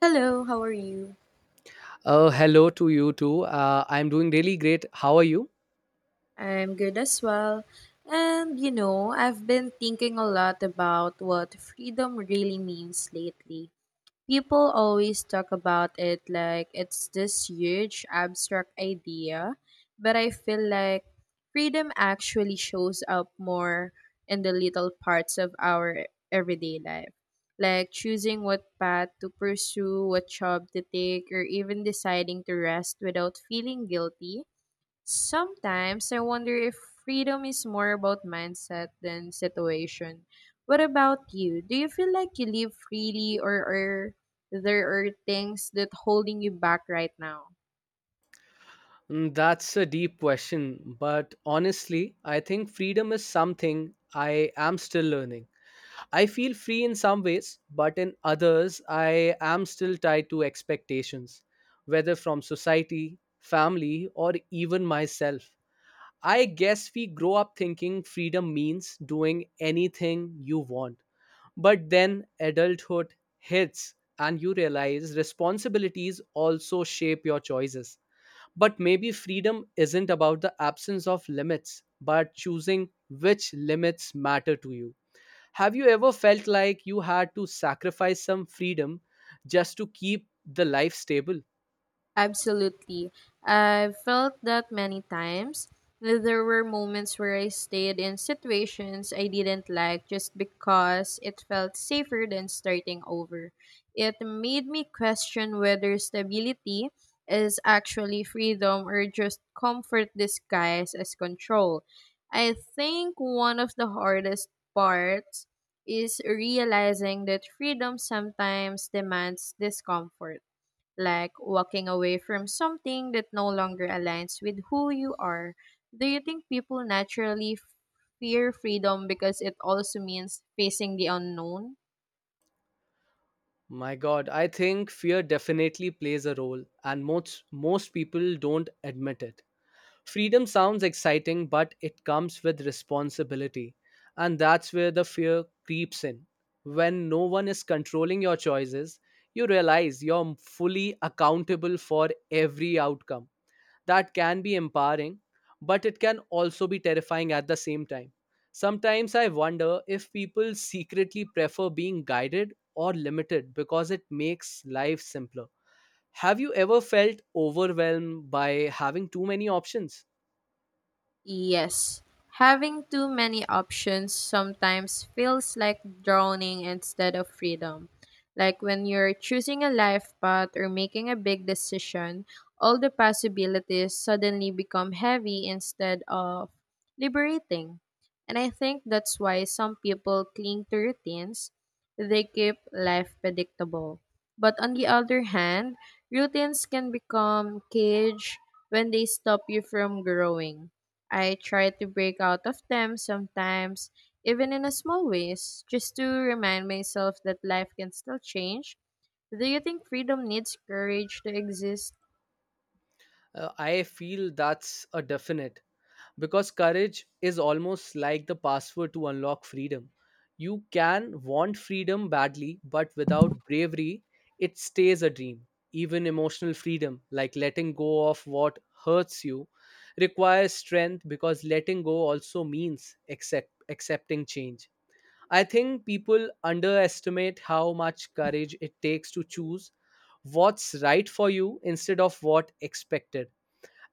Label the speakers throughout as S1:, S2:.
S1: Hello, how are you?
S2: Hello to you too. I'm doing really great. How are you?
S1: I'm good as well. And you know, I've been thinking a lot about what freedom really means lately. People always talk about it like it's this huge abstract idea, but I feel like freedom actually shows up more in the little parts of our everyday life. Like choosing what path to pursue, what job to take, or even deciding to rest without feeling guilty. Sometimes I wonder if freedom is more about mindset than situation. What about you? Do you feel like you live freely, or are there are things that holding you back right now?
S2: That's a deep question, but honestly, I think freedom is something I am still learning. I feel free in some ways, but in others, I am still tied to expectations, whether from society, family, or even myself. I guess we grow up thinking freedom means doing anything you want. But then adulthood hits, and you realize responsibilities also shape your choices. But maybe freedom isn't about the absence of limits, but choosing which limits matter to you. Have you ever felt like you had to sacrifice some freedom just to keep the life stable?
S1: Absolutely. I've felt that many times. There were moments where I stayed in situations I didn't like just because it felt safer than starting over. It made me question whether stability is actually freedom or just comfort disguised as control. I think one of the hardest parts is realizing that freedom sometimes demands discomfort, like walking away from something that no longer aligns with who you are. Do you think people naturally fear freedom because it also means facing the unknown?
S2: My God, I think fear definitely plays a role, and most people don't admit it. Freedom sounds exciting, but it comes with responsibility. And that's where the fear creeps in. When no one is controlling your choices, you realize you're fully accountable for every outcome. That can be empowering, but it can also be terrifying at the same time. Sometimes I wonder if people secretly prefer being guided or limited because it makes life simpler. Have you ever felt overwhelmed by having too many options?
S1: Yes, having too many options sometimes feels like drowning instead of freedom. Like when you're choosing a life path or making a big decision, all the possibilities suddenly become heavy instead of liberating. And I think that's why some people cling to routines. They keep life predictable. But on the other hand, routines can become cage when they stop you from growing. I try to break out of them sometimes, even in a small ways, just to remind myself that life can still change. Do you think freedom needs courage to exist?
S2: I feel that's a definite because courage is almost like the password to unlock freedom. You can want freedom badly, but without bravery, it stays a dream. Even emotional freedom, like letting go of what hurts you, requires strength because letting go also means accepting change. I think people underestimate how much courage it takes to choose what's right for you instead of what expected,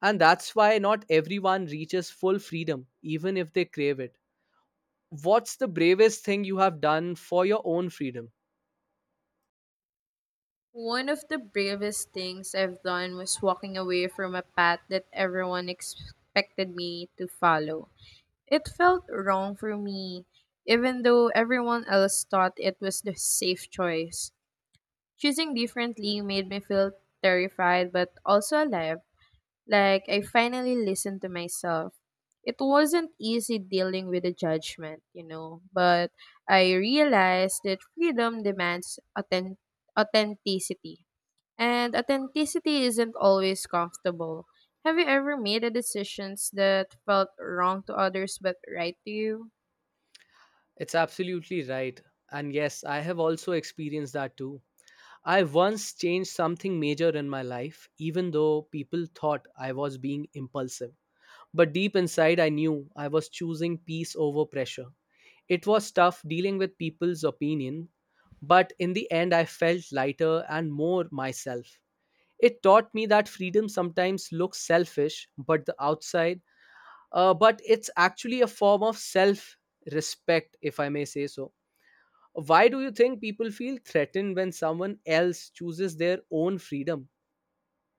S2: and that's why not everyone reaches full freedom, even if they crave it. What's the bravest thing you have done for your own freedom?
S1: One of the bravest things I've done was walking away from a path that everyone expected me to follow. It felt wrong for me, even though everyone else thought it was the safe choice. Choosing differently made me feel terrified but also alive. Like, I finally listened to myself. It wasn't easy dealing with the judgment, but I realized that freedom demands authenticity. And authenticity isn't always comfortable. Have you ever made a decisions that felt wrong to others but right to you?
S2: It's absolutely right. And yes, I have also experienced that too. I once changed something major in my life, even though people thought I was being impulsive. But deep inside, I knew I was choosing peace over pressure. It was tough dealing with people's opinion, but in the end, I felt lighter and more myself. It taught me that freedom sometimes looks selfish, but the outside, but it's actually a form of self respect, if I may say so. Why do you think people feel threatened when someone else chooses their own freedom?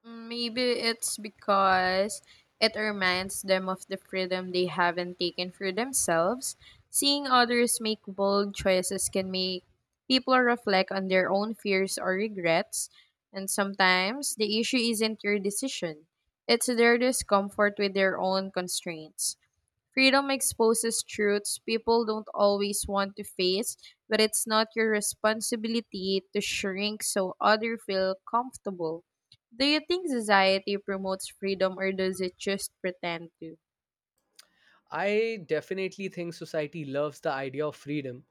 S1: Mm, Maybe it's because it reminds them of the freedom they haven't taken for themselves. Seeing others make bold choices can make people reflect on their own fears or regrets, and sometimes the issue isn't your decision, it's their discomfort with their own constraints. Freedom exposes truths people don't always want to face, but it's not your responsibility to shrink so others feel comfortable. Do you think society promotes freedom or does it just pretend to?
S2: I definitely think society loves the idea of freedom,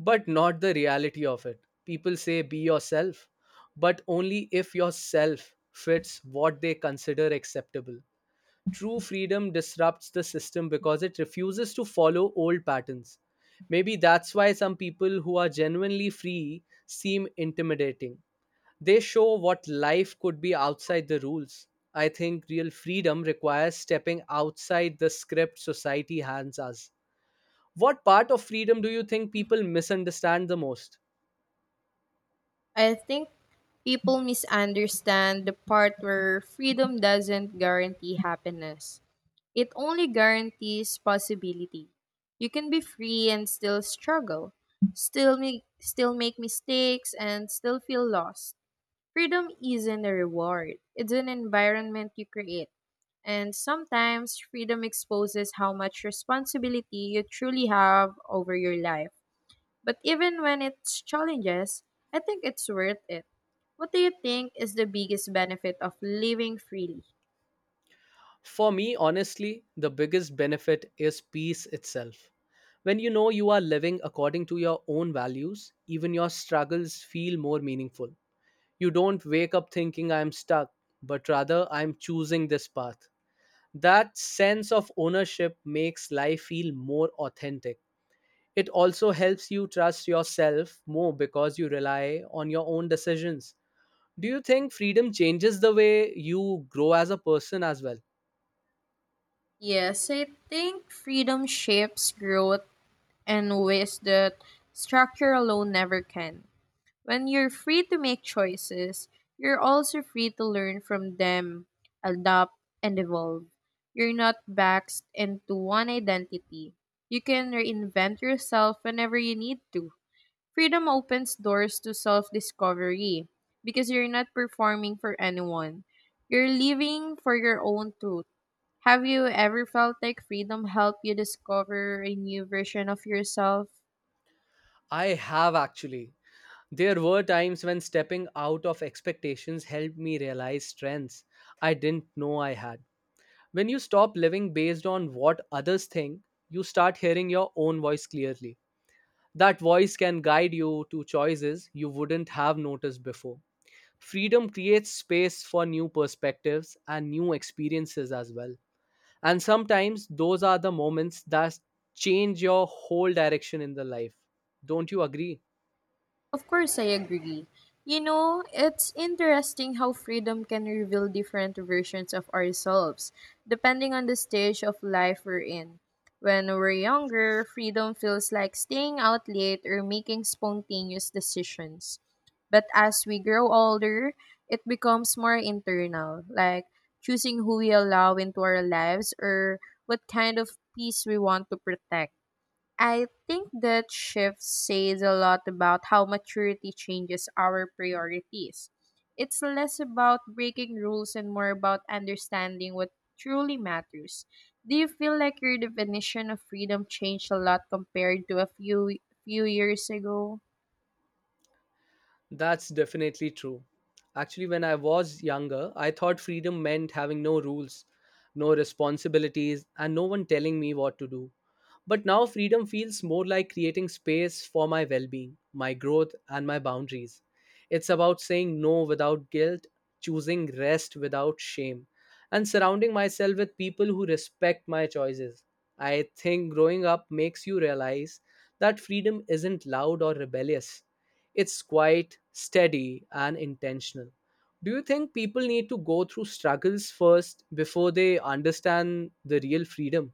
S2: but not the reality of it. People say be yourself, but only if yourself fits what they consider acceptable. True freedom disrupts the system because it refuses to follow old patterns. Maybe that's why some people who are genuinely free seem intimidating. They show what life could be outside the rules. I think real freedom requires stepping outside the script society hands us. What part of freedom do you think people misunderstand the most?
S1: I think people misunderstand the part where freedom doesn't guarantee happiness. It only guarantees possibility. You can be free and still struggle, still make mistakes and still feel lost. Freedom isn't a reward, it's an environment you create. And sometimes freedom exposes how much responsibility you truly have over your life. But even when it's challenges, I think it's worth it. What do you think is the biggest benefit of living freely?
S2: For me, honestly, the biggest benefit is peace itself. When you know you are living according to your own values, even your struggles feel more meaningful. You don't wake up thinking I am stuck, but rather I am choosing this path. That sense of ownership makes life feel more authentic. It also helps you trust yourself more because you rely on your own decisions. Do you think freedom changes the way you grow as a person as well?
S1: Yes, I think freedom shapes growth and ways that structure alone never can. When you're free to make choices, you're also free to learn from them, adapt, and evolve. You're not boxed into one identity. You can reinvent yourself whenever you need to. Freedom opens doors to self discovery because you're not performing for anyone. You're living for your own truth. Have you ever felt like freedom helped you discover a new version of yourself?
S2: I have actually. There were times when stepping out of expectations helped me realize strengths I didn't know I had. When you stop living based on what others think, you start hearing your own voice clearly. That voice can guide you to choices you wouldn't have noticed before. Freedom creates space for new perspectives and new experiences as well. And sometimes those are the moments that change your whole direction in the life. Don't you agree?
S1: Of course, I agree. You know, it's interesting how freedom can reveal different versions of ourselves, depending on the stage of life we're in. When we're younger, freedom feels like staying out late or making spontaneous decisions. But as we grow older, it becomes more internal, like choosing who we allow into our lives or what kind of peace we want to protect. I think that shift says a lot about how maturity changes our priorities. It's less about breaking rules and more about understanding what truly matters. Do you feel like your definition of freedom changed a lot compared to a few years ago?
S2: That's definitely true. Actually, when I was younger, I thought freedom meant having no rules, no responsibilities, and no one telling me what to do. But now freedom feels more like creating space for my well being, my growth, and my boundaries. It's about saying no without guilt, choosing rest without shame, and surrounding myself with people who respect my choices. I think growing up makes you realize that freedom isn't loud or rebellious, it's quite steady and intentional. Do you think people need to go through struggles first before they understand the real freedom?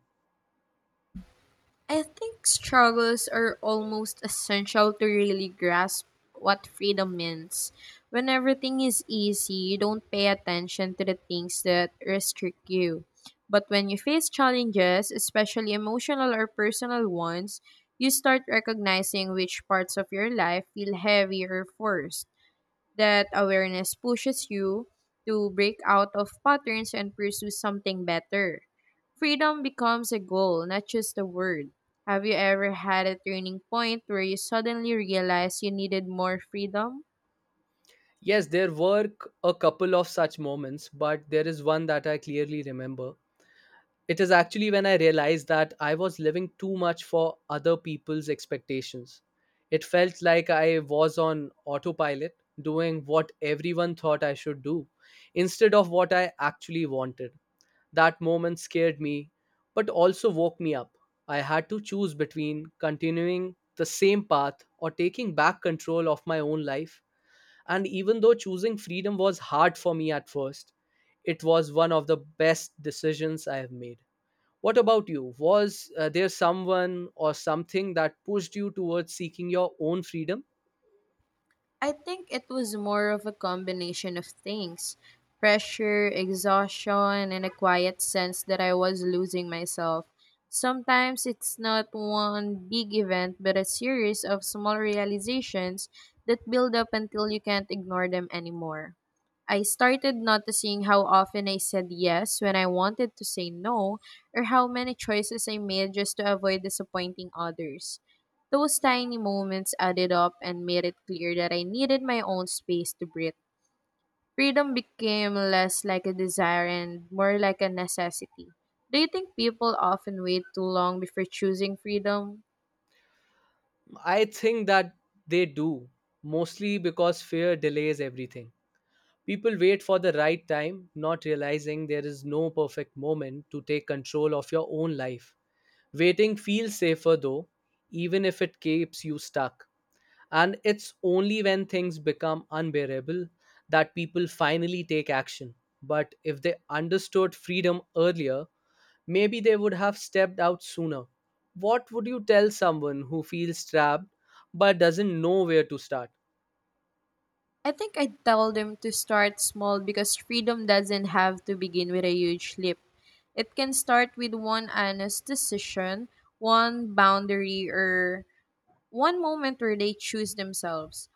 S1: I think struggles are almost essential to really grasp what freedom means. When everything is easy, you don't pay attention to the things that restrict you. But when you face challenges, especially emotional or personal ones, you start recognizing which parts of your life feel heavy or forced. That awareness pushes you to break out of patterns and pursue something better. Freedom becomes a goal, not just a word. Have you ever had a turning point where you suddenly realized you needed more freedom?
S2: Yes, there were a couple of such moments, but there is one that I clearly remember. It is actually when I realized that I was living too much for other people's expectations. It felt like I was on autopilot, doing what everyone thought I should do, instead of what I actually wanted. That moment scared me, but also woke me up. I had to choose between continuing the same path or taking back control of my own life. And even though choosing freedom was hard for me at first, it was one of the best decisions I have made. What about you? Was there someone or something that pushed you towards seeking your own freedom?
S1: I think it was more of a combination of things: pressure, exhaustion, and a quiet sense that I was losing myself. Sometimes it's not one big event, but a series of small realizations that build up until you can't ignore them anymore. I started noticing how often I said yes when I wanted to say no, or how many choices I made just to avoid disappointing others. Those tiny moments added up and made it clear that I needed my own space to breathe. Freedom became less like a desire and more like a necessity. Do you think people often wait too long before choosing freedom?
S2: I think that they do, mostly because fear delays everything. People wait for the right time, not realizing there is no perfect moment to take control of your own life. Waiting feels safer though, even if it keeps you stuck. And it's only when things become unbearable that people finally take action. But if they understood freedom earlier, maybe they would have stepped out sooner. What would you tell someone who feels trapped but doesn't know where to start?
S1: I think I tell them to start small because freedom doesn't have to begin with a huge leap. It can start with one honest decision, one boundary, or one moment where they choose themselves.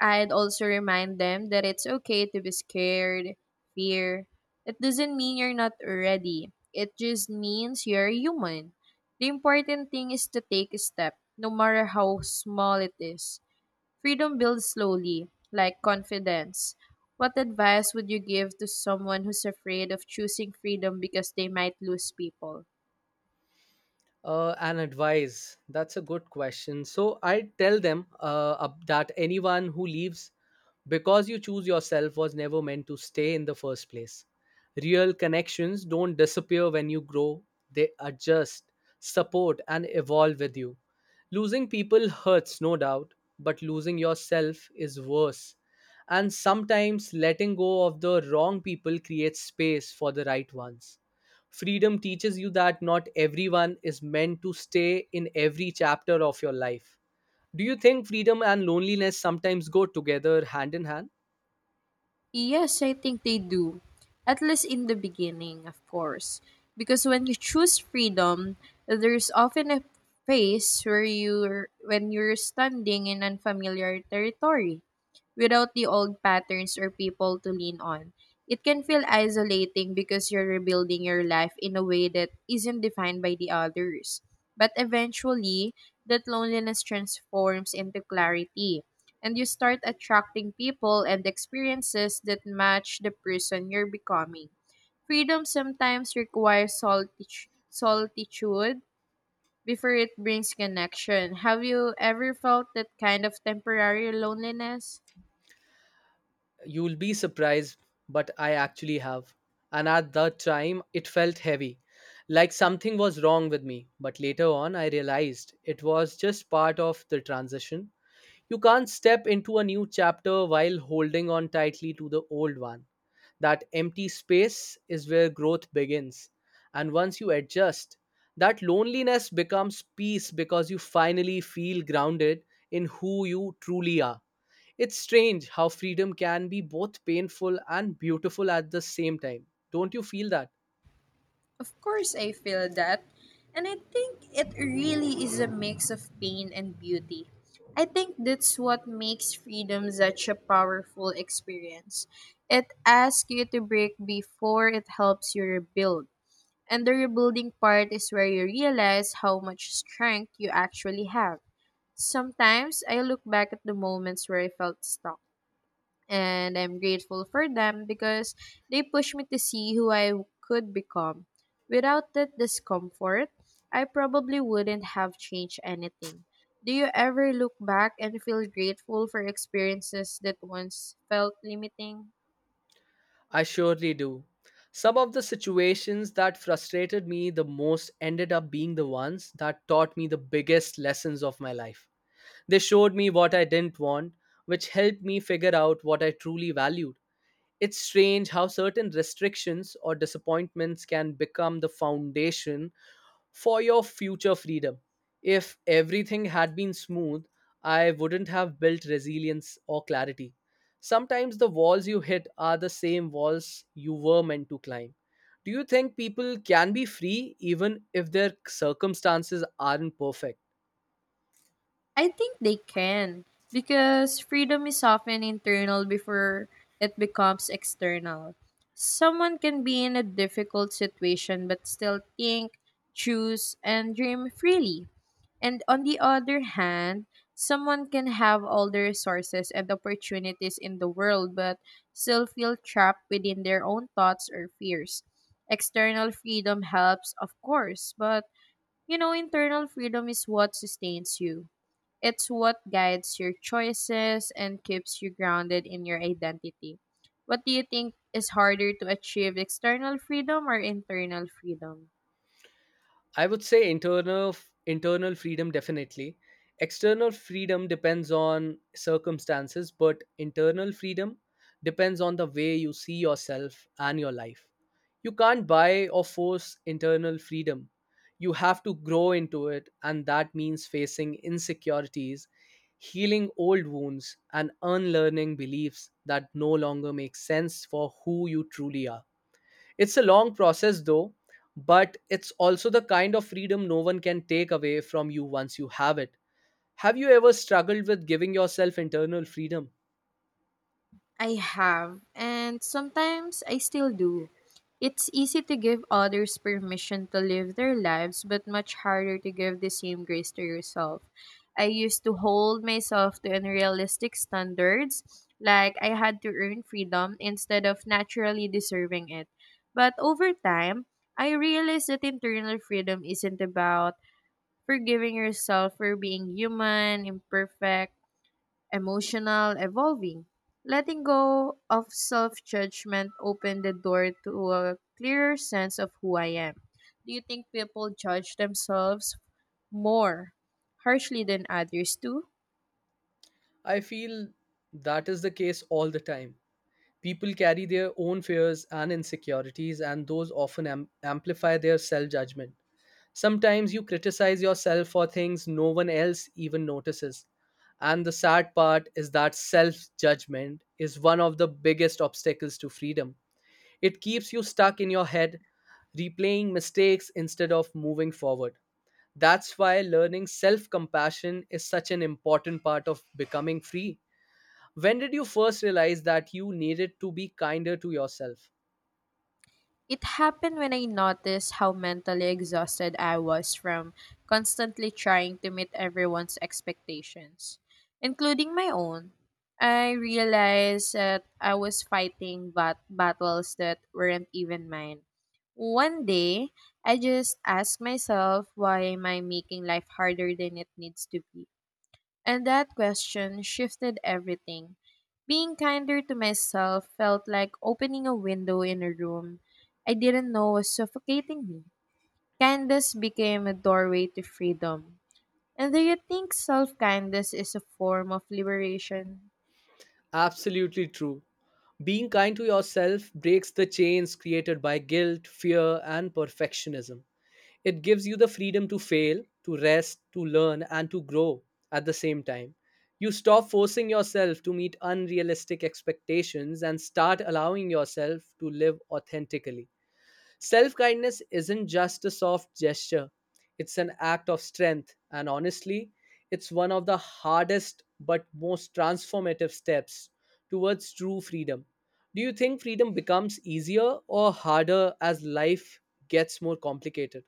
S1: I'd also remind them that it's okay to be scared, fear. It doesn't mean you're not ready. It just means you're human. The important thing is to take a step, no matter how small it is. Freedom builds slowly, like confidence. What advice would you give to someone who's afraid of choosing freedom because they might lose people?
S2: An advice. That's a good question. So I tell them that anyone who leaves because you choose yourself was never meant to stay in the first place. Real connections don't disappear when you grow, they adjust, support, and evolve with you. Losing people hurts, no doubt, but losing yourself is worse. And sometimes letting go of the wrong people creates space for the right ones. Freedom teaches you that not everyone is meant to stay in every chapter of your life. Do you think freedom and loneliness sometimes go together hand in hand?
S1: Yes, I think they do. At least in the beginning, of course. Because when you choose freedom, there's often a phase where you're standing in unfamiliar territory without the old patterns or people to lean on. It can feel isolating because you're rebuilding your life in a way that isn't defined by the others. But eventually, that loneliness transforms into clarity and you start attracting people and experiences that match the person you're becoming. Freedom sometimes requires solitude before it brings connection. Have you ever felt that kind of temporary loneliness?
S2: You'll be surprised, but I actually have. And at that time, it felt heavy, like something was wrong with me. But later on, I realized it was just part of the transition. You can't step into a new chapter while holding on tightly to the old one. That empty space is where growth begins. And once you adjust, that loneliness becomes peace because you finally feel grounded in who you truly are. It's strange how freedom can be both painful and beautiful at the same time. Don't you feel that?
S1: Of course, I feel that. And I think it really is a mix of pain and beauty. I think that's what makes freedom such a powerful experience. It asks you to break before it helps you rebuild. And the rebuilding part is where you realize how much strength you actually have. Sometimes I look back at the moments where I felt stuck and I'm grateful for them because they pushed me to see who I could become. Without that discomfort, I probably wouldn't have changed anything. Do you ever look back and feel grateful for experiences that once felt limiting?
S2: I surely do. Some of the situations that frustrated me the most ended up being the ones that taught me the biggest lessons of my life. They showed me what I didn't want, which helped me figure out what I truly valued. It's strange how certain restrictions or disappointments can become the foundation for your future freedom. If everything had been smooth, I wouldn't have built resilience or clarity. Sometimes the walls you hit are the same walls you were meant to climb. Do you think people can be free even if their circumstances aren't perfect?
S1: I think they can because freedom is often internal before it becomes external. Someone can be in a difficult situation but still think, choose, and dream freely. And on the other hand, someone can have all the resources and opportunities in the world but still feel trapped within their own thoughts or fears. External freedom helps, of course, but you know, internal freedom is what sustains you. It's what guides your choices and keeps you grounded in your identity. What do you think is harder to achieve, external freedom or internal freedom?
S2: I would say internal freedom definitely. External freedom depends on circumstances, but internal freedom depends on the way you see yourself and your life. You can't buy or force internal freedom. You have to grow into it, and that means facing insecurities, healing old wounds, and unlearning beliefs that no longer make sense for who you truly are. It's a long process though, but it's also the kind of freedom no one can take away from you once you have it. Have you ever struggled with giving yourself internal freedom?
S1: I have, and sometimes I still do. It's easy to give others permission to live their lives, but much harder to give the same grace to yourself. I used to hold myself to unrealistic standards, like I had to earn freedom instead of naturally deserving it. But over time, I realized that internal freedom isn't about forgiving yourself for being human, imperfect, emotional evolving. Letting go of self judgment opened the door to a clearer sense of who I am. Do you think people judge themselves more harshly than others do?
S2: I feel that is the case all the time. People carry their own fears and insecurities, and those often amplify their self judgment. Sometimes you criticize yourself for things no one else even notices. And the sad part is that self judgment is one of the biggest obstacles to freedom. It keeps you stuck in your head, replaying mistakes instead of moving forward. That's why learning self compassion is such an important part of becoming free. When did you first realize that you needed to be kinder to yourself?
S1: It happened when I noticed how mentally exhausted I was from constantly trying to meet everyone's expectations, including my own. I realized that I was fighting battles that weren't even mine. One day, I just asked myself, why am I making life harder than it needs to be? And that question shifted everything. Being kinder to myself felt like opening a window in a room I didn't know was suffocating me. Kindness became a doorway to freedom. And do you think self kindness is a form of liberation?
S2: Absolutely true. Being kind to yourself breaks the chains created by guilt, fear, and perfectionism. It gives you the freedom to fail, to rest, to learn, and to grow at the same time. You stop forcing yourself to meet unrealistic expectations and start allowing yourself to live authentically. Self kindness isn't just a soft gesture, it's an act of strength, and honestly, it's one of the hardest but most transformative steps towards true freedom. Do you think freedom becomes easier or harder as life gets more complicated?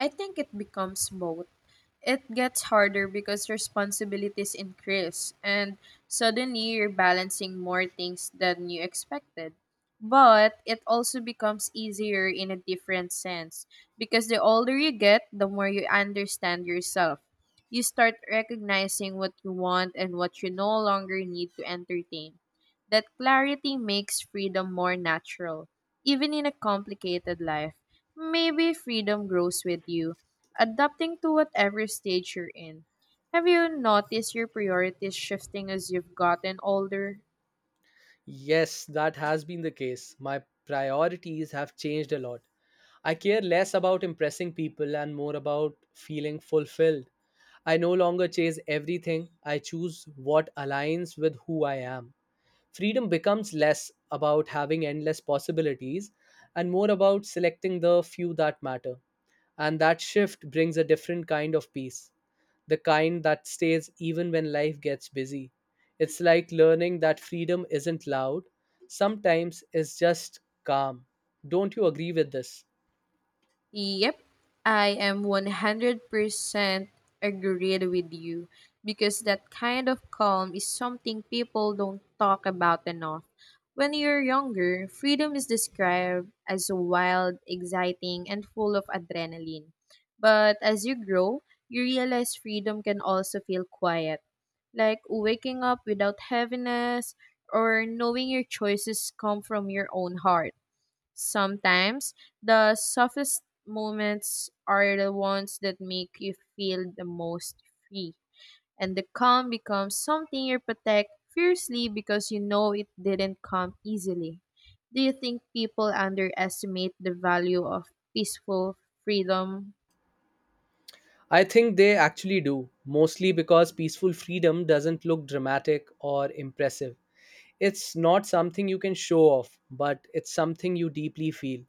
S1: I think it becomes both. It gets harder because responsibilities increase and suddenly you're balancing more things than you expected. But it also becomes easier in a different sense because the older you get, the more you understand yourself. You start recognizing what you want and what you no longer need to entertain. That clarity makes freedom more natural, even in a complicated life. Maybe freedom grows with you adapting to whatever stage you're in. Have you noticed your priorities shifting as you've gotten older?
S2: Yes, that has been the case. My priorities have changed a lot. I care less about impressing people and more about feeling fulfilled. I no longer chase everything, I choose what aligns with who I am. Freedom becomes less about having endless possibilities and more about selecting the few that matter. And that shift brings a different kind of peace, the kind that stays even when life gets busy. It's like learning that freedom isn't loud, sometimes it's just calm. Don't you agree with this?
S1: Yep, I am 100% agreed with you because that kind of calm is something people don't talk about enough. When you're younger, freedom is described as wild, exciting, and full of adrenaline. But as you grow, you realize freedom can also feel quiet, like waking up without heaviness or knowing your choices come from your own heart. Sometimes the softest moments are the ones that make you feel the most free, and the calm becomes something you protect fiercely because you know it didn't come easily. Do you think people underestimate the value of peaceful freedom?
S2: I think they actually do, mostly because peaceful freedom doesn't look dramatic or impressive. It's not something you can show off, but it's something you deeply feel.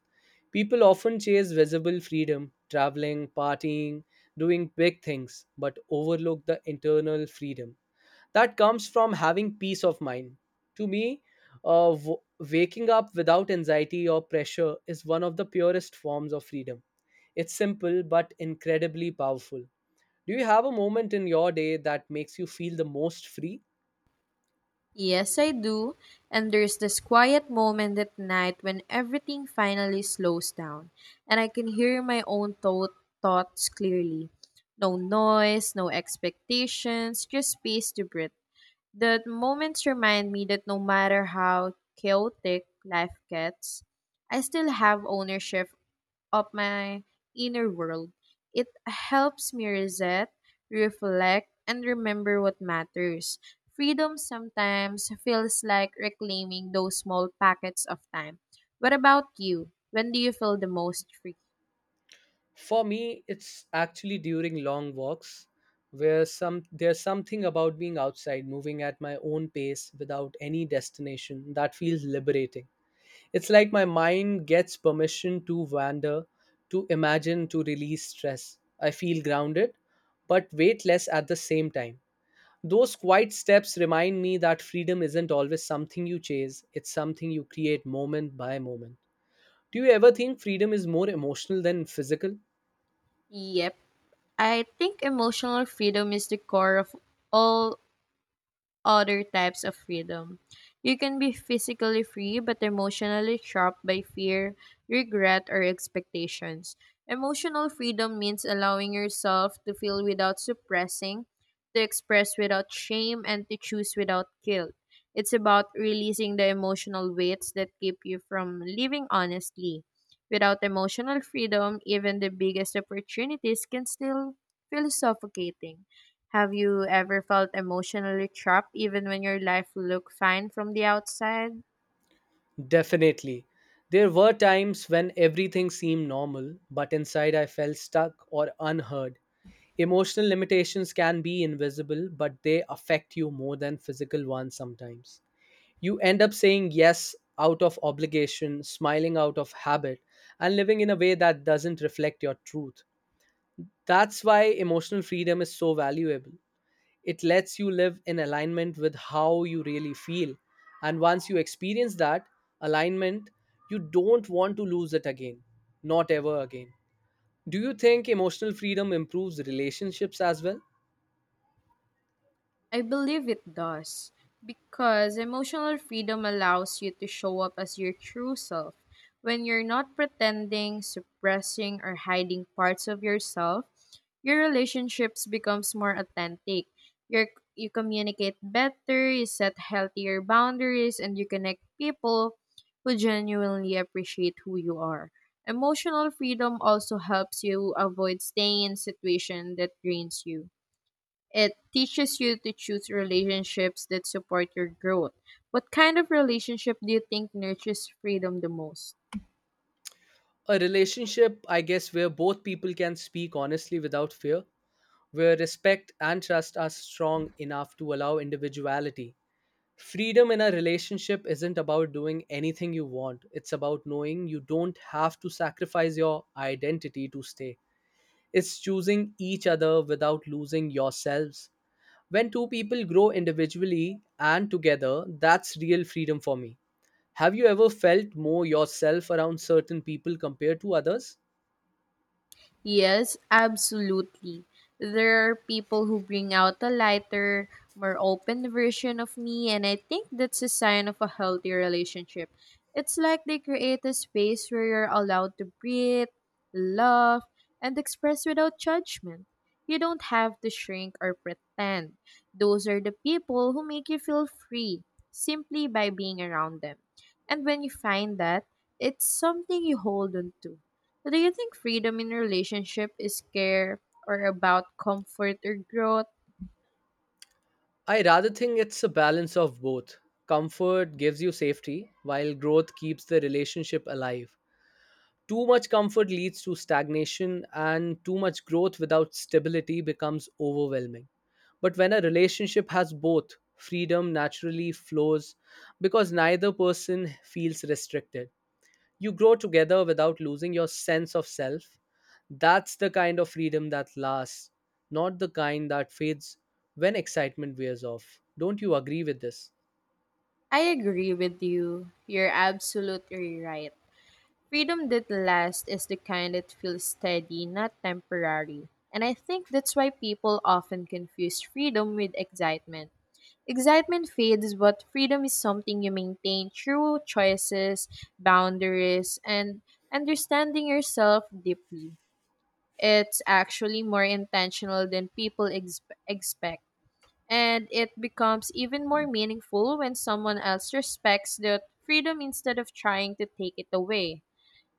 S2: People often chase visible freedom, traveling, partying, doing big things, but overlook the internal freedom that comes from having peace of mind. To me, uh, w- waking up without anxiety or pressure is one of the purest forms of freedom. It's simple but incredibly powerful. Do you have a moment in your day that makes you feel the most free?
S1: Yes, I do. And there's this quiet moment at night when everything finally slows down and I can hear my own thoughts clearly. No noise, no expectations, just space to breathe. The moments remind me that no matter how chaotic life gets, I still have ownership of my inner world. It helps me reset, reflect, and remember what matters. Freedom sometimes feels like reclaiming those small packets of time. What about you? When do you feel the most free?
S2: For me, it's actually during long walks, where some there's something about being outside, moving at my own pace without any destination, that feels liberating. It's like my mind gets permission to wander, to imagine, to release stress. I feel grounded, but weightless at the same time. Those quiet steps remind me that freedom isn't always something you chase, it's something you create moment by moment. Do you ever think freedom is more emotional than physical?
S1: Yep. I think emotional freedom is the core of all other types of freedom. You can be physically free but emotionally trapped by fear, regret, or expectations. Emotional freedom means allowing yourself to feel without suppressing, to express without shame, and to choose without guilt. It's about releasing the emotional weights that keep you from living honestly. Without emotional freedom, even the biggest opportunities can still feel suffocating. Have you ever felt emotionally trapped even when your life looked fine from the outside?
S2: Definitely. There were times when everything seemed normal, but inside I felt stuck or unheard. Emotional limitations can be invisible, but they affect you more than physical ones sometimes. You end up saying yes out of obligation, smiling out of habit, and living in a way that doesn't reflect your truth. That's why emotional freedom is so valuable. It lets you live in alignment with how you really feel. And once you experience that alignment, you don't want to lose it again. Not ever again. Do you think emotional freedom improves relationships as well?
S1: I believe it does because emotional freedom allows you to show up as your true self. When you're not pretending, suppressing, or hiding parts of yourself, your relationships becomes more authentic. You're, you communicate better, you set healthier boundaries, and you connect people who genuinely appreciate who you are. Emotional freedom also helps you avoid staying in situation that drains you. It teaches you to choose relationships that support your growth. What kind of relationship do you think nurtures freedom the most?
S2: A relationship, I guess, where both people can speak honestly without fear, where respect and trust are strong enough to allow individuality. Freedom in a relationship isn't about doing anything you want, it's about knowing you don't have to sacrifice your identity to stay. It's choosing each other without losing yourselves. When two people grow individually and together, that's real freedom for me. Have you ever felt more yourself around certain people compared to others?
S1: Yes, absolutely. There are people who bring out a lighter, more open version of me, and I think that's a sign of a healthy relationship. It's like they create a space where you're allowed to breathe, love, and express without judgment. You don't have to shrink or pretend. Those are the people who make you feel free simply by being around them. And when you find that, it's something you hold on to. Do you think freedom in relationship is care or about comfort or growth?
S2: I rather think it's a balance of both. Comfort gives you safety, while growth keeps the relationship alive. Too much comfort leads to stagnation, and too much growth without stability becomes overwhelming. But when a relationship has both, freedom naturally flows because neither person feels restricted. You grow together without losing your sense of self. That's the kind of freedom that lasts, not the kind that fades when excitement wears off. Don't you agree with this?
S1: I agree with you. You're absolutely right. Freedom that lasts is the kind that feels steady, not temporary. And I think that's why people often confuse freedom with excitement. Excitement fades, but freedom is something you maintain through choices, boundaries, and understanding yourself deeply. It's actually more intentional than people expect. And it becomes even more meaningful when someone else respects that freedom instead of trying to take it away.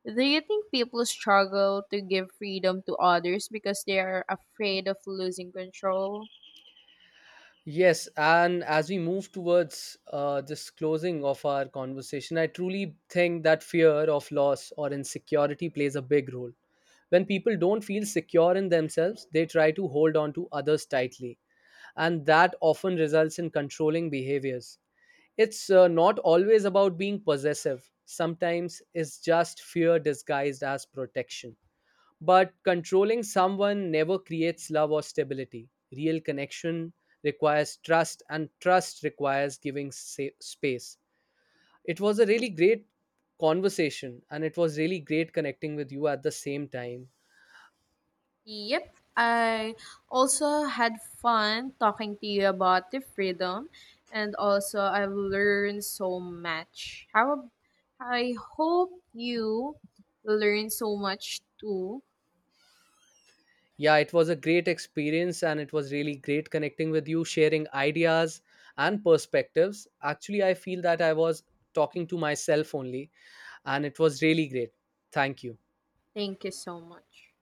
S1: Do you think people struggle to give freedom to others because they are afraid of losing control?
S2: Yes, and as we move towards this closing of our conversation, I truly think that fear of loss or insecurity plays a big role. When people don't feel secure in themselves, they try to hold on to others tightly, and that often results in controlling behaviors. It's not always about being possessive, sometimes it's just fear disguised as protection. But controlling someone never creates love or stability. Real connection requires trust, and trust requires giving space. It was a really great conversation, and it was really great connecting with you at the same time.
S1: Yep, I also had fun talking to you about the freedom, and also I've learned so much. I hope you learn so much too.
S2: Yeah, it was a great experience and it was really great connecting with you, sharing ideas and perspectives. Actually, I feel that I was talking to myself only, and it was really great. Thank you.
S1: Thank you so much.